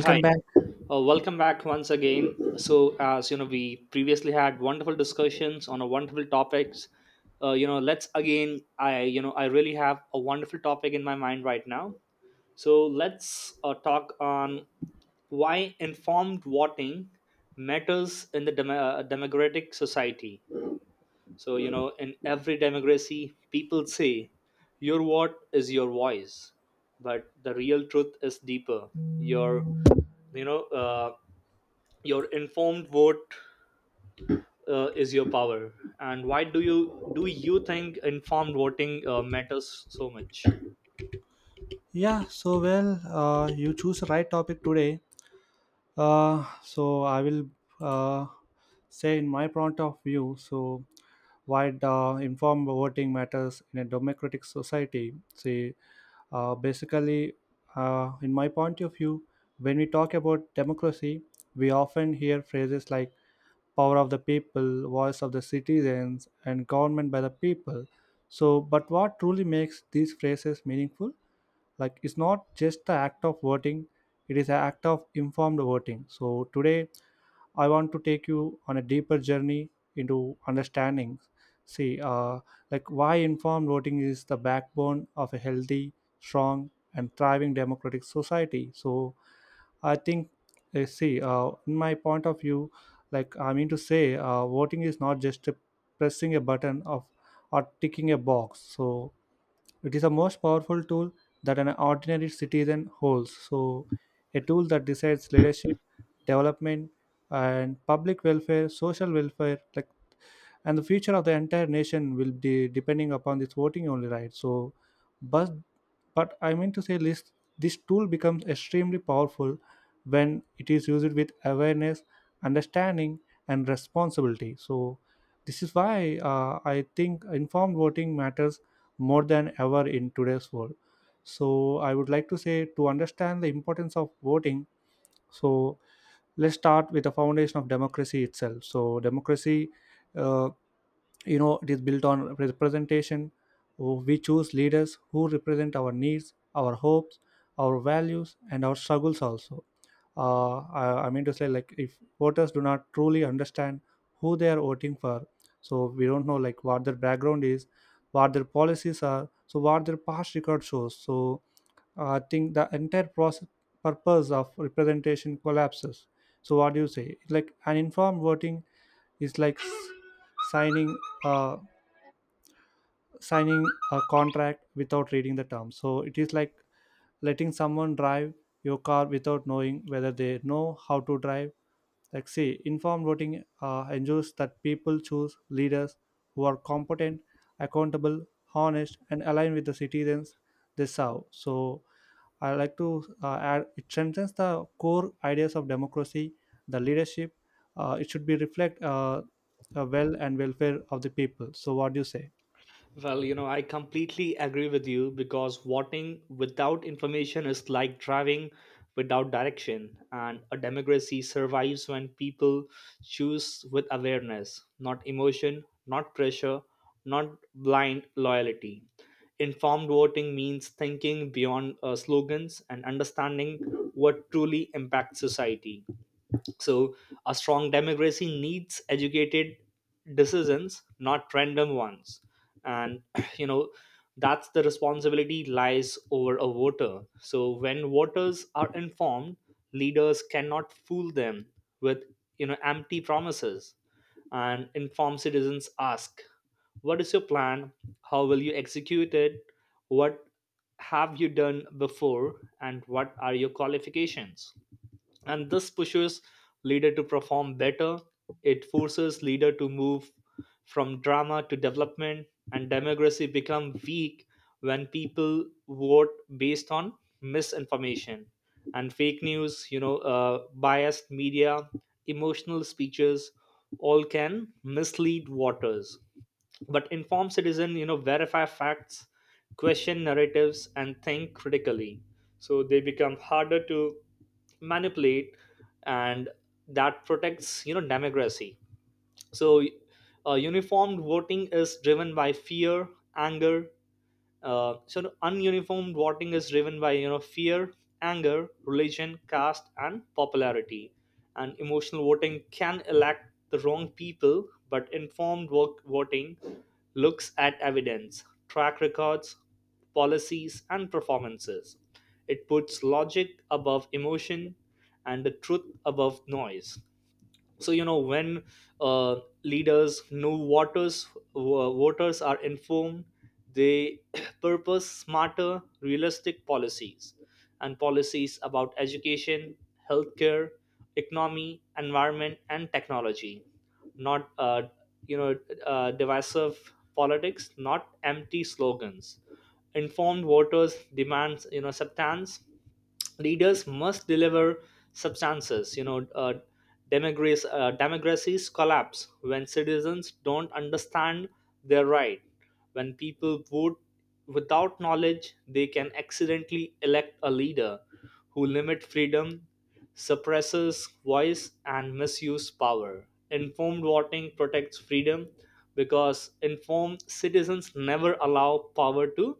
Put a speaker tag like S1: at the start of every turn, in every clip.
S1: Hi,
S2: back.
S1: welcome back once again. So, as you know, we previously had wonderful discussions on a wonderful topics. You know, let's again. I you know I really have a wonderful topic in my mind right now. So let's talk on why informed voting matters in the democratic society. So you know, in every democracy, people say your vote is your voice, but the real truth is deeper. Your you know. Your informed vote is your power. And why do you think informed voting matters so much?
S2: Yeah, so well, you choose the right topic today. So I will uh, say in my point of view. So why the informed voting matters in a democratic society. See, basically, in my point of view, when we talk about democracy, we often hear phrases like power of the people, voice of the citizens, and government by the people. So, but what truly makes these phrases meaningful? Like it's not just the act of voting, it is an act of informed voting. So today I want to take you on a deeper journey into understanding. See, like why informed voting is the backbone of a healthy, strong and thriving democratic society. So I think, see in my point of view, like I mean to say, voting is not just a pressing a button of or ticking a box. So it is the most powerful tool that an ordinary citizen holds. So, a tool that decides leadership, development, and public welfare, social welfare, like, and the future of the entire nation will be depending upon this voting only, right. So, but but I mean to say this this tool becomes extremely powerful when it is used with awareness, understanding, and responsibility. So, this is why I think informed voting matters more than ever in today's world. So I would like to say, to understand the importance of voting, so let's start with the foundation of democracy itself. So democracy, uh, you know, it is built on representation. We choose leaders who represent our needs, our hopes, our values and our struggles also. I mean to say, like if voters do not truly understand who they are voting for, so we don't know like what their background is, what their policies are, so what their past record shows. So I think the entire process, purpose of representation collapses. So what do you say? Like an informed voting is like signing, uh, signing a contract without reading the terms. So it is like letting someone drive your car without knowing whether they know how to drive. Like, see, informed voting ensures that people choose leaders who are competent, accountable, honest, and aligned with the citizens they serve. So I like to add, it strengthens the core ideas of democracy, the leadership. It should be reflect well and welfare of the people. So what do you say?
S1: Well, you know, I completely agree with you because voting without information is like driving without direction. And a democracy survives when people choose with awareness, not emotion, not pressure, not blind loyalty. Informed voting means thinking beyond slogans and understanding what truly impacts society. So, a strong democracy needs educated decisions, not random ones. And, you know, that's the responsibility lies over a voter. So, when voters are informed, leaders cannot fool them with, you know, empty promises. And informed citizens ask, what is your plan? How will you execute it? What have you done before? And what are your qualifications? And this pushes leader to perform better. It forces leader to move from drama to development. And democracy become weak when people vote based on misinformation and fake news, you know, biased media, emotional speeches all can mislead voters. But informed citizen, you know, verify facts, question narratives and think critically, so they become harder to manipulate, and that protects, you know, democracy. So uniformed voting is driven by fear, anger. So ununiformed voting is driven by, you know, fear, anger, religion, caste, and popularity. And emotional voting can elect the wrong people, but informed work voting looks at evidence, track records, policies, and performances. It puts logic above emotion and the truth above noise. So you know, when uh, leaders know voters voters are informed, they purpose smarter realistic policies, and policies about education, healthcare, economy, environment and technology, not you know divisive politics, not empty slogans. Informed voters demands, you know, substance. Leaders must deliver substances, you know. Democracies collapse when citizens don't understand their right. When people vote without knowledge, they can accidentally elect a leader who limits freedom, suppresses voice, and misuse power. Informed voting protects freedom because informed citizens never allow power to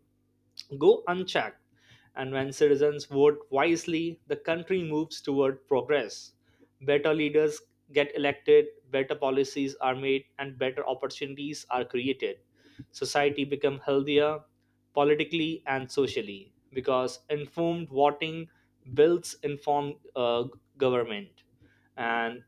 S1: go unchecked. And when citizens vote wisely, the country moves toward progress. Better leaders get elected, better policies are made, and better opportunities are created. Society become healthier politically and socially because informed voting builds informed government. And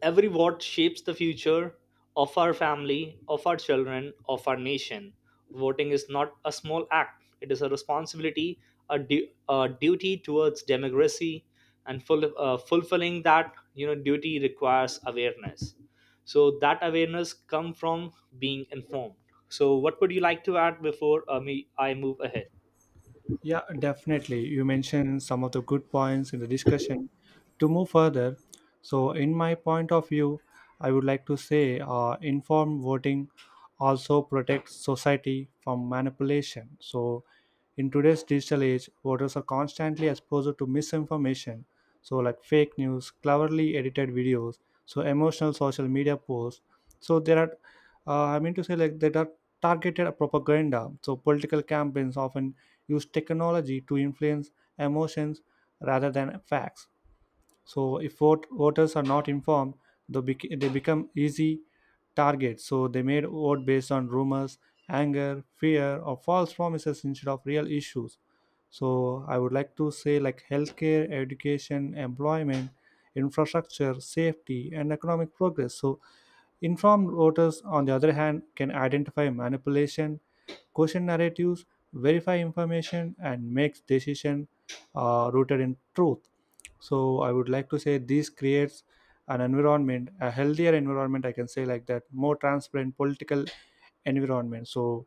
S1: every vote shapes the future of our family, of our children, of our nation. Voting is not a small act, it is a responsibility, a duty towards democracy, and fulfilling that, you know, duty requires awareness. So that awareness come from being informed. So what would you like to add before me I move ahead?
S2: Yeah, definitely. You mentioned some of the good points in the discussion. To move further, so in my point of view, I would like to say, informed voting also protects society from manipulation. So, in today's digital age, voters are constantly exposed to misinformation, so like fake news, cleverly edited videos, so emotional social media posts. So there are, I mean to say, there are targeted propaganda. So political campaigns often use technology to influence emotions rather than facts. So if voters are not informed, they they become easy targets, so they made vote based on rumors, anger, fear or false promises instead of real issues. So I would like to say, like healthcare, education, employment, infrastructure, safety and economic progress. So informed voters, on the other hand, can identify manipulation, question narratives, verify information, and make decisions rooted in truth. So I would like to say this creates an environment, a healthier environment, I can say like that, more transparent political environment. So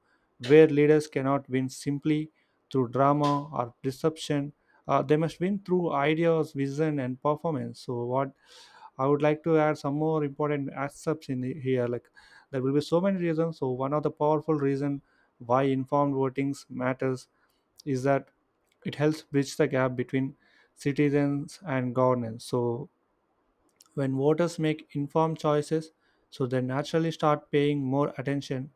S2: where leaders cannot win simply through drama or deception, they must win through ideas, vision, and performance. So what I would like to add some more important aspects in the, here. Like there will be so many reasons. So one of the powerful reason why informed voting matters is that it helps bridge the gap between citizens and governance. So when voters make informed choices, so they naturally start paying more attention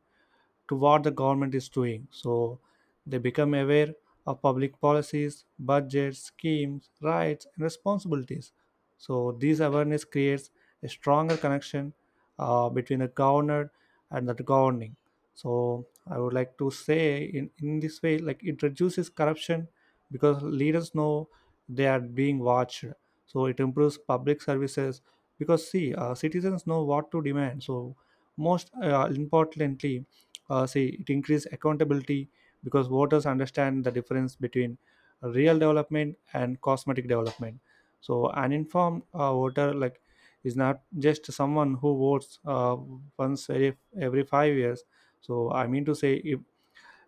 S2: to what the government is doing. So they become aware of public policies, budgets, schemes, rights, and responsibilities. So this awareness creates a stronger connection between the governor and the governing. So I would like to say in this way, like it reduces corruption because leaders know they are being watched. So it improves public services because see, citizens know what to demand. So most importantly, see it increases accountability because voters understand the difference between real development and cosmetic development. So an informed voter, like, is not just someone who votes once every 5 years. So I mean to say if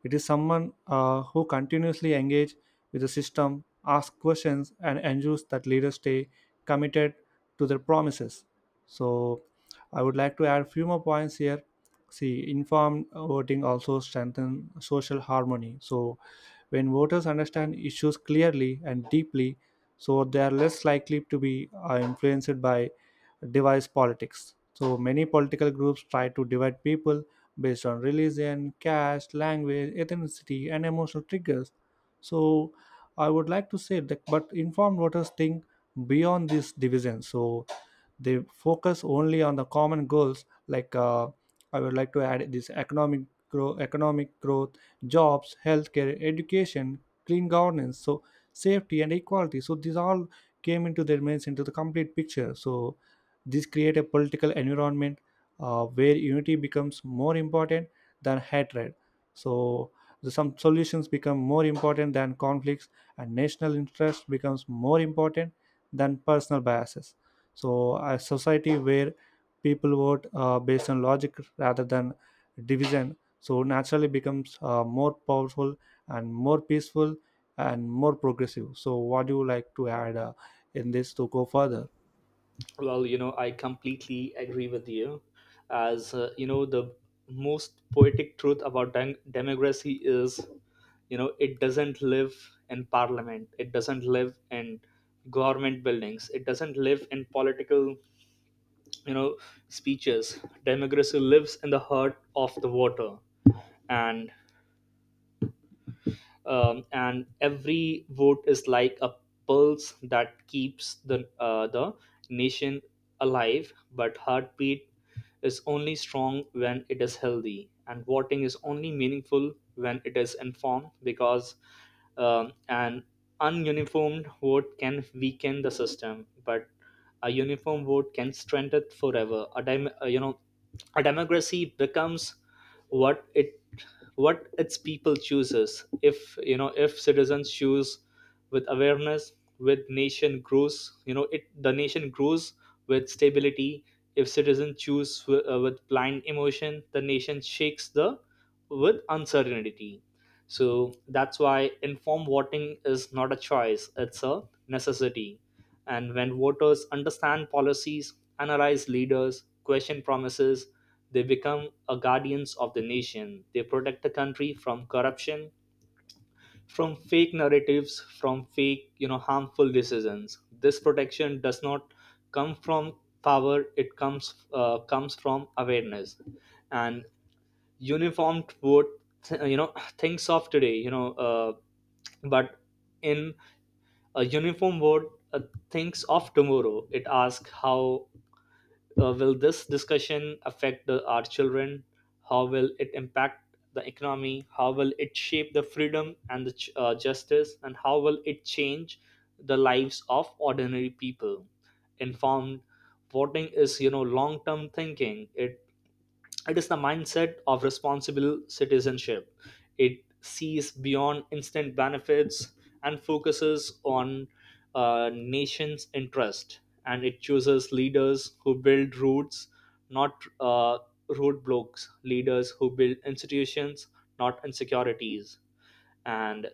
S2: it is someone who continuously engage with the system, ask questions, and ensures that leaders stay committed to their promises. So, I would like to add a few more points here. See, informed voting also strengthens social harmony. So, when voters understand issues clearly and deeply, so they are less likely to be influenced by device politics. So, many political groups try to divide people based on religion, caste, language, ethnicity, and emotional triggers. So, I would like to say that, but informed voters think beyond this division. So, they focus only on the common goals, like I would like to add this, economic growth, jobs, healthcare, education, clean governance, so safety and equality. So these all came into their minds into the complete picture. So this create a political environment where unity becomes more important than hatred. So the, some solutions become more important than conflicts, and national interest becomes more important than personal biases. So a society where people vote based on logic rather than division, so naturally becomes more powerful and more peaceful and more progressive. So what do you like to add in this to go further?
S1: Well, you know, I completely agree with you. As you know, the most poetic truth about democracy is, you know, it doesn't live in parliament, it doesn't live in government buildings, it doesn't live in political, you know, speeches. Democracy lives in the heart of the water, and and every vote is like a pulse that keeps the nation alive. But heartbeat is only strong when it is healthy, and voting is only meaningful when it is informed. Because an ununiformed vote can weaken the system, but a uniform vote can strengthen it forever. A a democracy becomes what it what its people chooses. If you know if citizens choose with awareness, with nation grows, you know, it the nation grows with stability. If citizens choose with blind emotion, the nation shakes the with uncertainty. So that's why informed voting is not a choice, it's a necessity. And when voters understand policies, analyze leaders, question promises, they become a guardians of the nation. They protect the country from corruption, from fake narratives, from fake, you know, harmful decisions. This protection does not come from power. It comes from awareness and uniformed vote. You know, thinks of today. You know, but In a uniform vote, thinks of tomorrow. It asks how. Will this discussion affect our children? How will it impact the economy? How will it shape the freedom and the justice? And how will it change the lives of ordinary people? Informed voting is, you know, long-term thinking. It is the mindset of responsible citizenship. It sees beyond instant benefits and focuses on nation's interest. And it chooses leaders who build roots, not roadblocks. Leaders who build institutions, not insecurities. And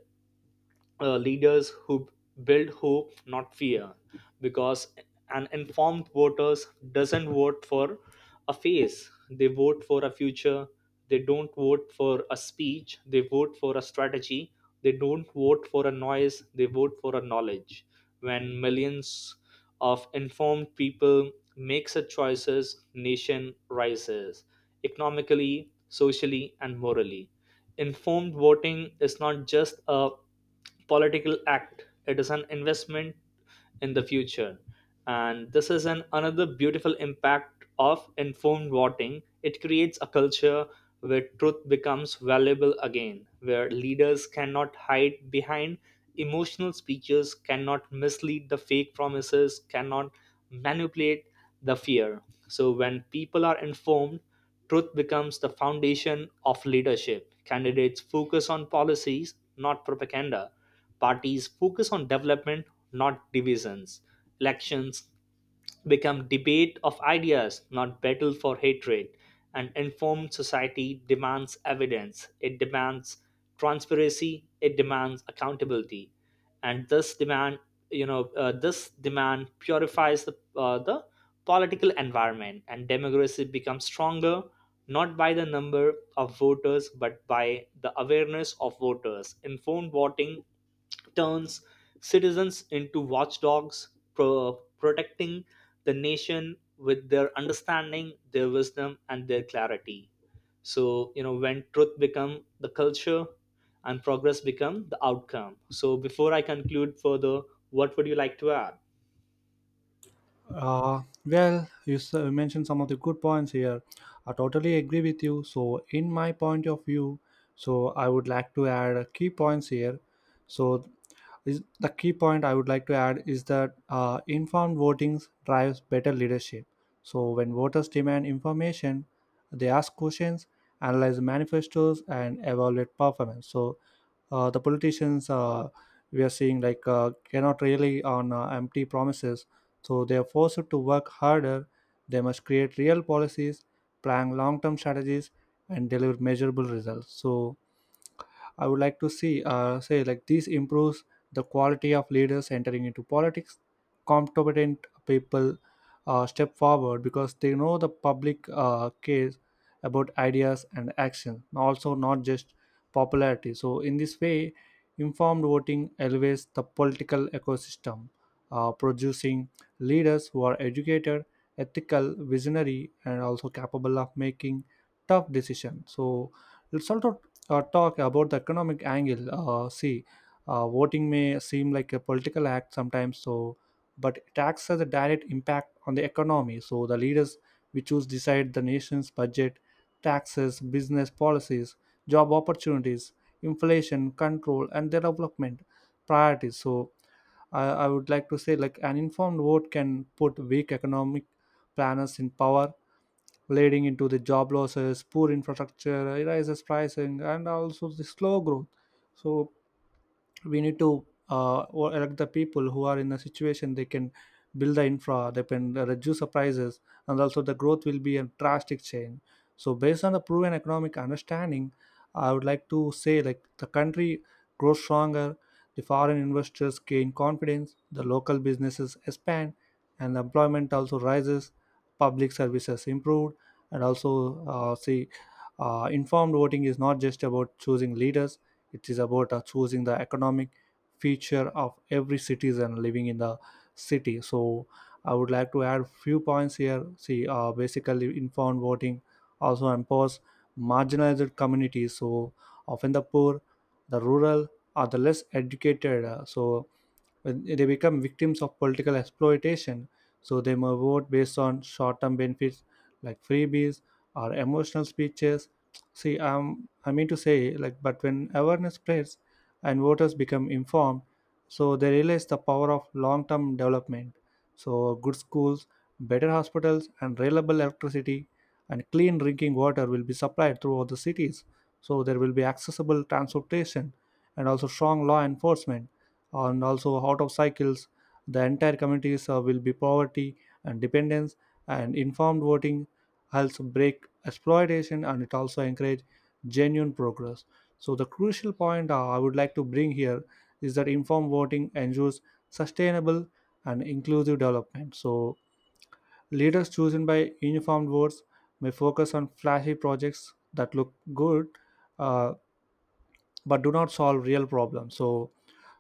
S1: leaders who build hope, not fear. Because an informed voters doesn't vote for a face, they vote for a future. They don't vote for a speech, they vote for a strategy. They don't vote for a noise, they vote for a knowledge. When millions of informed people makes a choices, nation rises economically, socially and morally. Informed voting is not just a political act, it is an investment in the future. And this is an another beautiful impact of informed voting. It creates a culture where truth becomes valuable again, where leaders cannot hide behind emotional speeches, cannot mislead the fake promises, cannot manipulate the fear. So, when people are informed, truth becomes the foundation of leadership. Candidates focus on policies, not propaganda. Parties focus on development, not divisions. Elections become debate of ideas, not battle for hatred. An informed society demands evidence, it demands transparency, it demands accountability. And this demand, you know, this demand purifies the political environment, and democracy becomes stronger not by the number of voters but by the awareness of voters. Informed voting turns citizens into watchdogs, protecting the nation with their understanding, their wisdom and their clarity. So you know, when truth become the culture and progress become the outcome, so before I conclude further, what would you like to add?
S2: Well, you mentioned some of the good points here. I totally agree with you. So, in my point of view, so I would like to add key points here. So, is the key point I would like to add is that informed voting drives better leadership. So when voters demand information, they ask questions, analyze manifestos, and evaluate performance. So the politicians, we are seeing, like cannot rely on empty promises. So they are forced to work harder. They must create real policies, plan long-term strategies, and deliver measurable results. So I would like to see say, like this improves the quality of leaders entering into politics. Competent people step forward because they know the public cares about ideas and action, also not just popularity. So in this way, informed voting elevates the political ecosystem, producing leaders who are educated, ethical, visionary, and also capable of making tough decisions. So let's also talk about the economic angle. See, voting may seem like a political act sometimes, so but it acts as a direct impact on the economy. So the leaders we choose decide the nation's budget, taxes, business policies, job opportunities, inflation control, and their development priorities. So I would like to say, like an informed vote can put weak economic planners in power, leading into the job losses, poor infrastructure, rises pricing, and also the slow growth. So we need to or elect the people who are in a situation they can build the infra, they can reduce the prices and also the growth will be a drastic change. So based on the proven economic understanding, I would like to say, like the country grows stronger, the foreign investors gain confidence, the local businesses expand and employment also rises, public services improved and also, see, informed voting is not just about choosing leaders, it is about choosing the economic feature of every citizen living in the city. So I would like to add few points here. See, basically informed voting also empowers marginalized communities. So often the poor, the rural, or the less educated. So when they become victims of political exploitation. So they may vote based on short-term benefits like freebies or emotional speeches. See, I mean to say, but when awareness spreads and voters become informed, so they realize the power of long term development. So good schools, better hospitals and reliable electricity and clean drinking water will be supplied throughout the cities. So there will be accessible transportation and also strong law enforcement and also out of cycles the entire communities will be poverty and dependence. And informed voting helps break exploitation and it also encourage genuine progress. So, the crucial point I would like to bring here is that informed voting ensures sustainable and inclusive development. So, leaders chosen by uniformed votes may focus on flashy projects that look good, uh, but do not solve real problems. So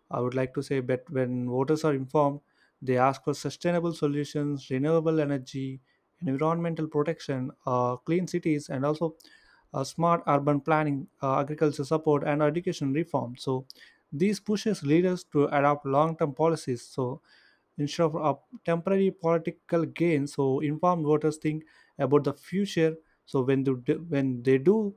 S2: I would like to say that when voters are informed, they ask for sustainable solutions, renewable energy, environmental protection, clean cities, and also smart urban planning, agriculture support, and education reform. So these pushes leaders to adopt long-term policies. So instead of a temporary political gain, so informed voters think about the future. So when they do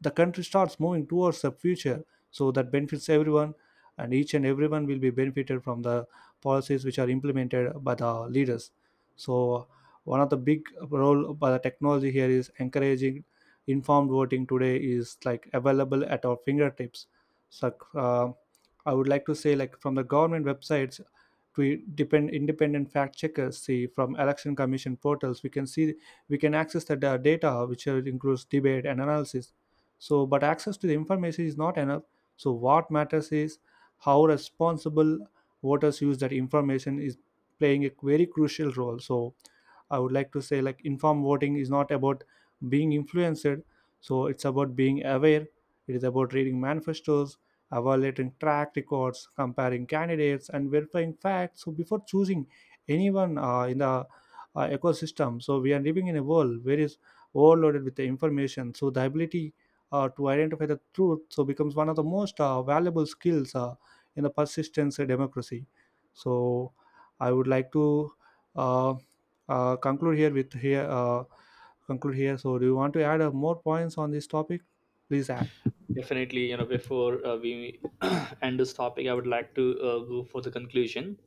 S2: the country starts moving towards the future, so that benefits everyone, and each and everyone will be benefited from the policies which are implemented by the leaders. So one of the big role by the technology here is encouraging informed voting today is like available at our fingertips. So I would like to say, like, from the government websites to depend independent fact checkers, see, from election commission portals we can see we can access the data which includes debate and analysis. So but access to the information is not enough. So what matters is how responsible voters use that information is playing a very crucial role. So I would like to say, like, informed voting is not about being influenced, so it's about being aware. It is about reading manifestos, evaluating track records, comparing candidates, and verifying facts so before choosing anyone in the ecosystem. So we are living in a world where is overloaded with the information. So the ability to identify the truth so becomes one of the most valuable skills in the persistence of democracy. So I would like to uh, conclude here with here conclude here. So do you want to add more points on this topic? Please add.
S1: Definitely, you know, before we end this topic, I would like to go for the conclusion.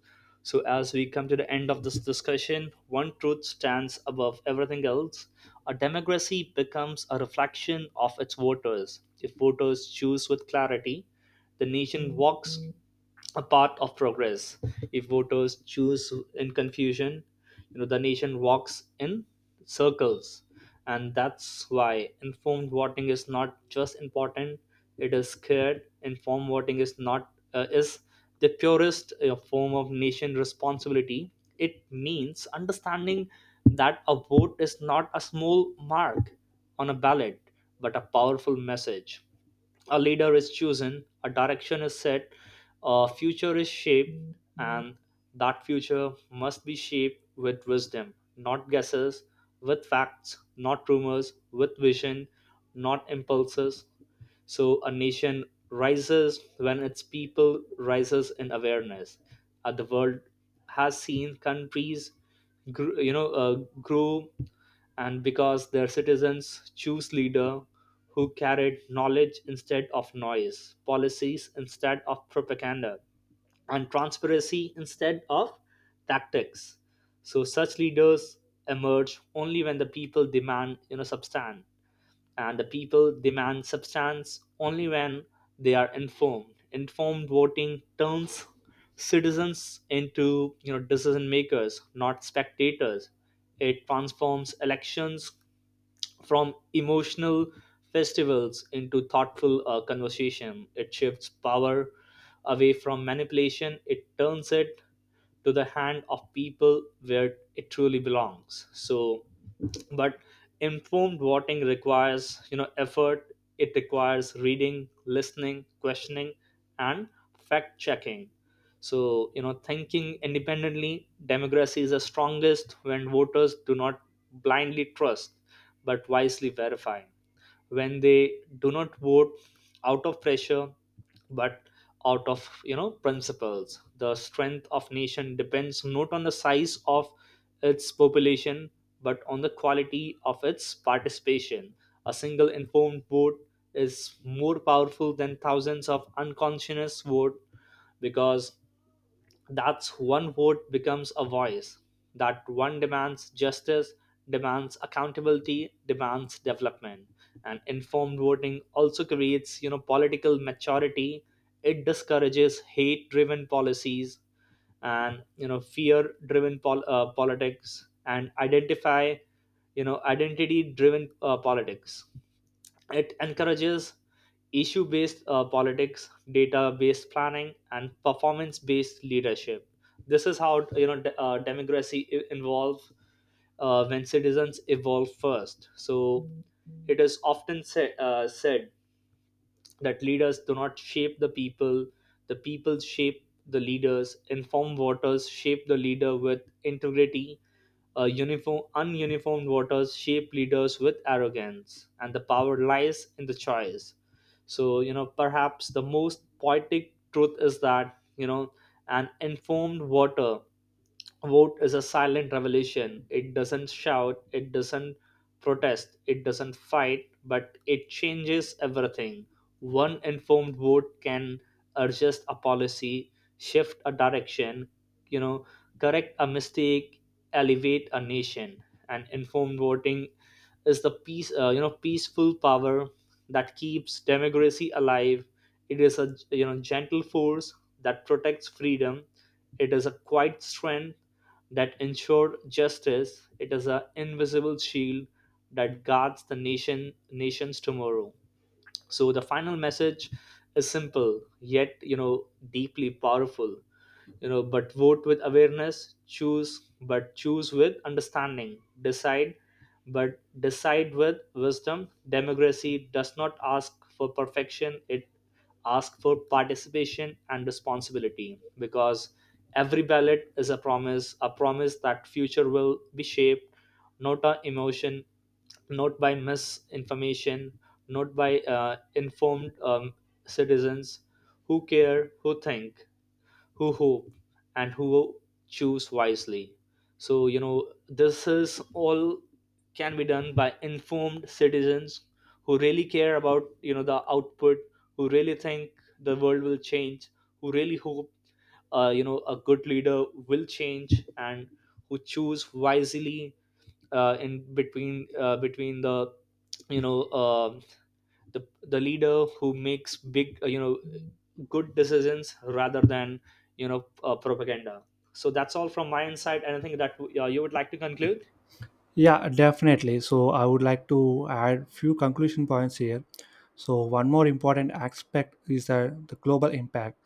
S1: So as we come to the end of this discussion, one truth stands above everything else: a democracy becomes a reflection of its voters. If voters choose with clarity, the nation walks a path of progress. If voters choose in confusion, you know, the nation walks in circles. And that's why informed voting is not just important, it is scared. Informed voting is not is the purest form of nation responsibility. It means understanding that a vote is not a small mark on a ballot, but a powerful message. A leader is chosen, a direction is set, a future is shaped, and that future must be shaped with wisdom, not guesses, with facts, not rumors, with vision, not impulses. So a nation rises when its people rises in awareness. The world has seen countries, gr- you know, uh, grow and because their citizens choose leaders who carried knowledge instead of noise, policies instead of propaganda, and transparency instead of tactics. So such leaders emerge only when the people demand, you know, substance, and the people demand substance only when they are informed. Informed voting turns citizens into, you know, decision makers, not spectators. It transforms elections from emotional festivals into thoughtful conversation. It shifts power away from manipulation, it turns it to the hand of people where it truly belongs. So, but informed voting requires, you know, effort. It requires reading, listening, questioning, and fact checking, so you know, thinking independently. Democracy is the strongest when voters do not blindly trust but wisely verifying, when they do not vote out of pressure but out of, you know, principles. The strength of nation depends not on the size of its population but on the quality of its participation. A single informed vote is more powerful than thousands of unconscious vote, because that's one vote becomes a voice. That one demands justice, demands accountability, demands development. And informed voting also creates, you know, political maturity. It discourages hate-driven policies and, you know, fear-driven politics, and identity-driven politics. It encourages issue based politics, data based planning, and performance based leadership. This is how, you know, democracy involve when citizens evolve first. So it is often said, that leaders do not shape the people shape the leaders. Informed voters shape the leader with integrity, ununiformed voters shape leaders with arrogance, and the power lies in the choice. So, you know, perhaps the most poetic truth is that, you know, an informed voter vote is a silent revolution. It doesn't shout, it doesn't protest, it doesn't fight, but it changes everything. One informed vote can adjust a policy, shift a direction, you know, correct a mistake, elevate a nation. And informed voting is the you know, peaceful power that keeps democracy alive. It is a, you know, gentle force that protects freedom. It is a quiet strength that ensure justice. It is an invisible shield that guards the nation nations tomorrow. So the final message is simple yet, you know, deeply powerful. You know, but vote with awareness, choose but choose with understanding, decide but decide with wisdom. Democracy does not ask for perfection, it asks for participation and responsibility. Because every ballot is a promise, a promise that future will be shaped not by emotion, not by misinformation, not by informed citizens who care, who think, who hope, and who choose wisely. So you know, this is all can be done by informed citizens who really care about, you know, the output, who really think the world will change, who really hope you know, a good leader will change, and who choose wisely in between between you know uh, the the leader who makes big, you know, good decisions rather than, you know, propaganda. So that's all from my insight. Anything that you would like to conclude?
S2: Yeah, definitely. So I would like to add few conclusion points here. So one more important aspect is that the global impact.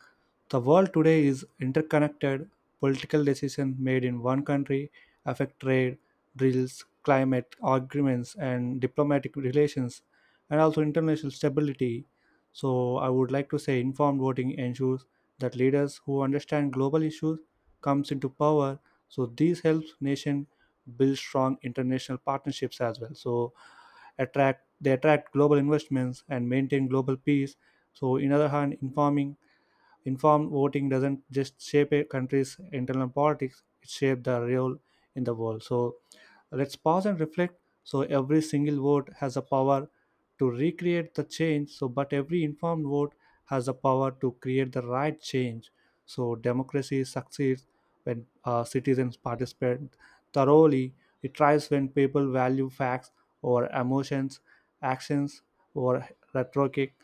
S2: The world today is interconnected. Political decisions made in one country affect trade, drills, climate agreements, and diplomatic relations, and also international stability. So I would like to say informed voting ensures that leaders who understand global issues comes into power. So this helps nation build strong international partnerships as well, so attract they attract global investments and maintain global peace. So in other hand, informing informed voting doesn't just shape a country's internal politics, it shapes the role in the world. So let's pause and reflect. So every single vote has a power to recreate the change, so but every informed vote has the power to create the right change. So democracy succeeds when citizens participate thoroughly. It thrives when people value facts over emotions, actions over rhetoric,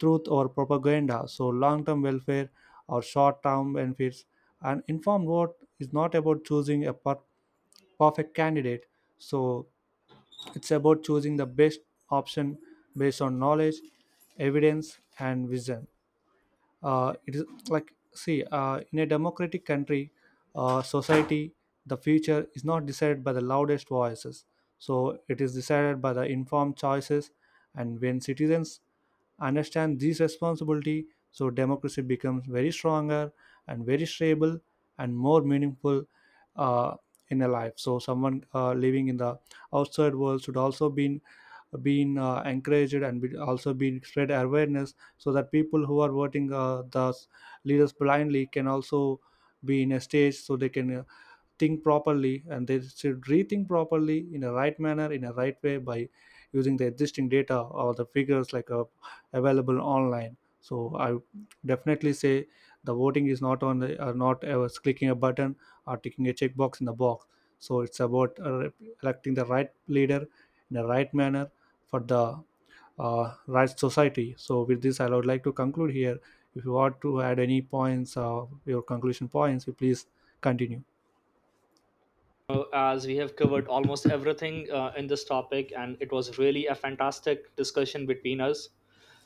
S2: truth or propaganda. So long term welfare or short term benefits. And informed vote is not about choosing a perfect candidate. So it's about choosing the best option based on knowledge, evidence, and vision. It is like, see, in a democratic country, society, the future is not decided by the loudest voices, so it is decided by the informed choices. And when citizens understand this responsibility, so democracy becomes very stronger and very stable and more meaningful uh, in a life. So someone living in the outside world should also be been encouraged and be also been spread awareness, so that people who are voting leaders blindly can also be in a stage so they can think properly, and they should rethink properly in a right manner in a right way by using the existing data or the figures like available online. So I definitely say the voting is not on the, not ever clicking a button or ticking a checkbox in the box. So it's about electing the right leader in the right manner for the right society. So with this I would like to conclude here. If you want to add any points, your conclusion points, you please continue.
S1: As we have covered almost everything in this topic, and it was really a fantastic discussion between us,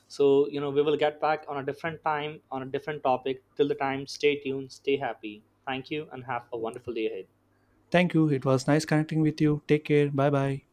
S1: so you know, we will get back on a different time on a different topic. Till the time, stay tuned, stay happy. Thank you and have a wonderful day ahead.
S2: Thank you. It was nice connecting with you. Take care. Bye bye.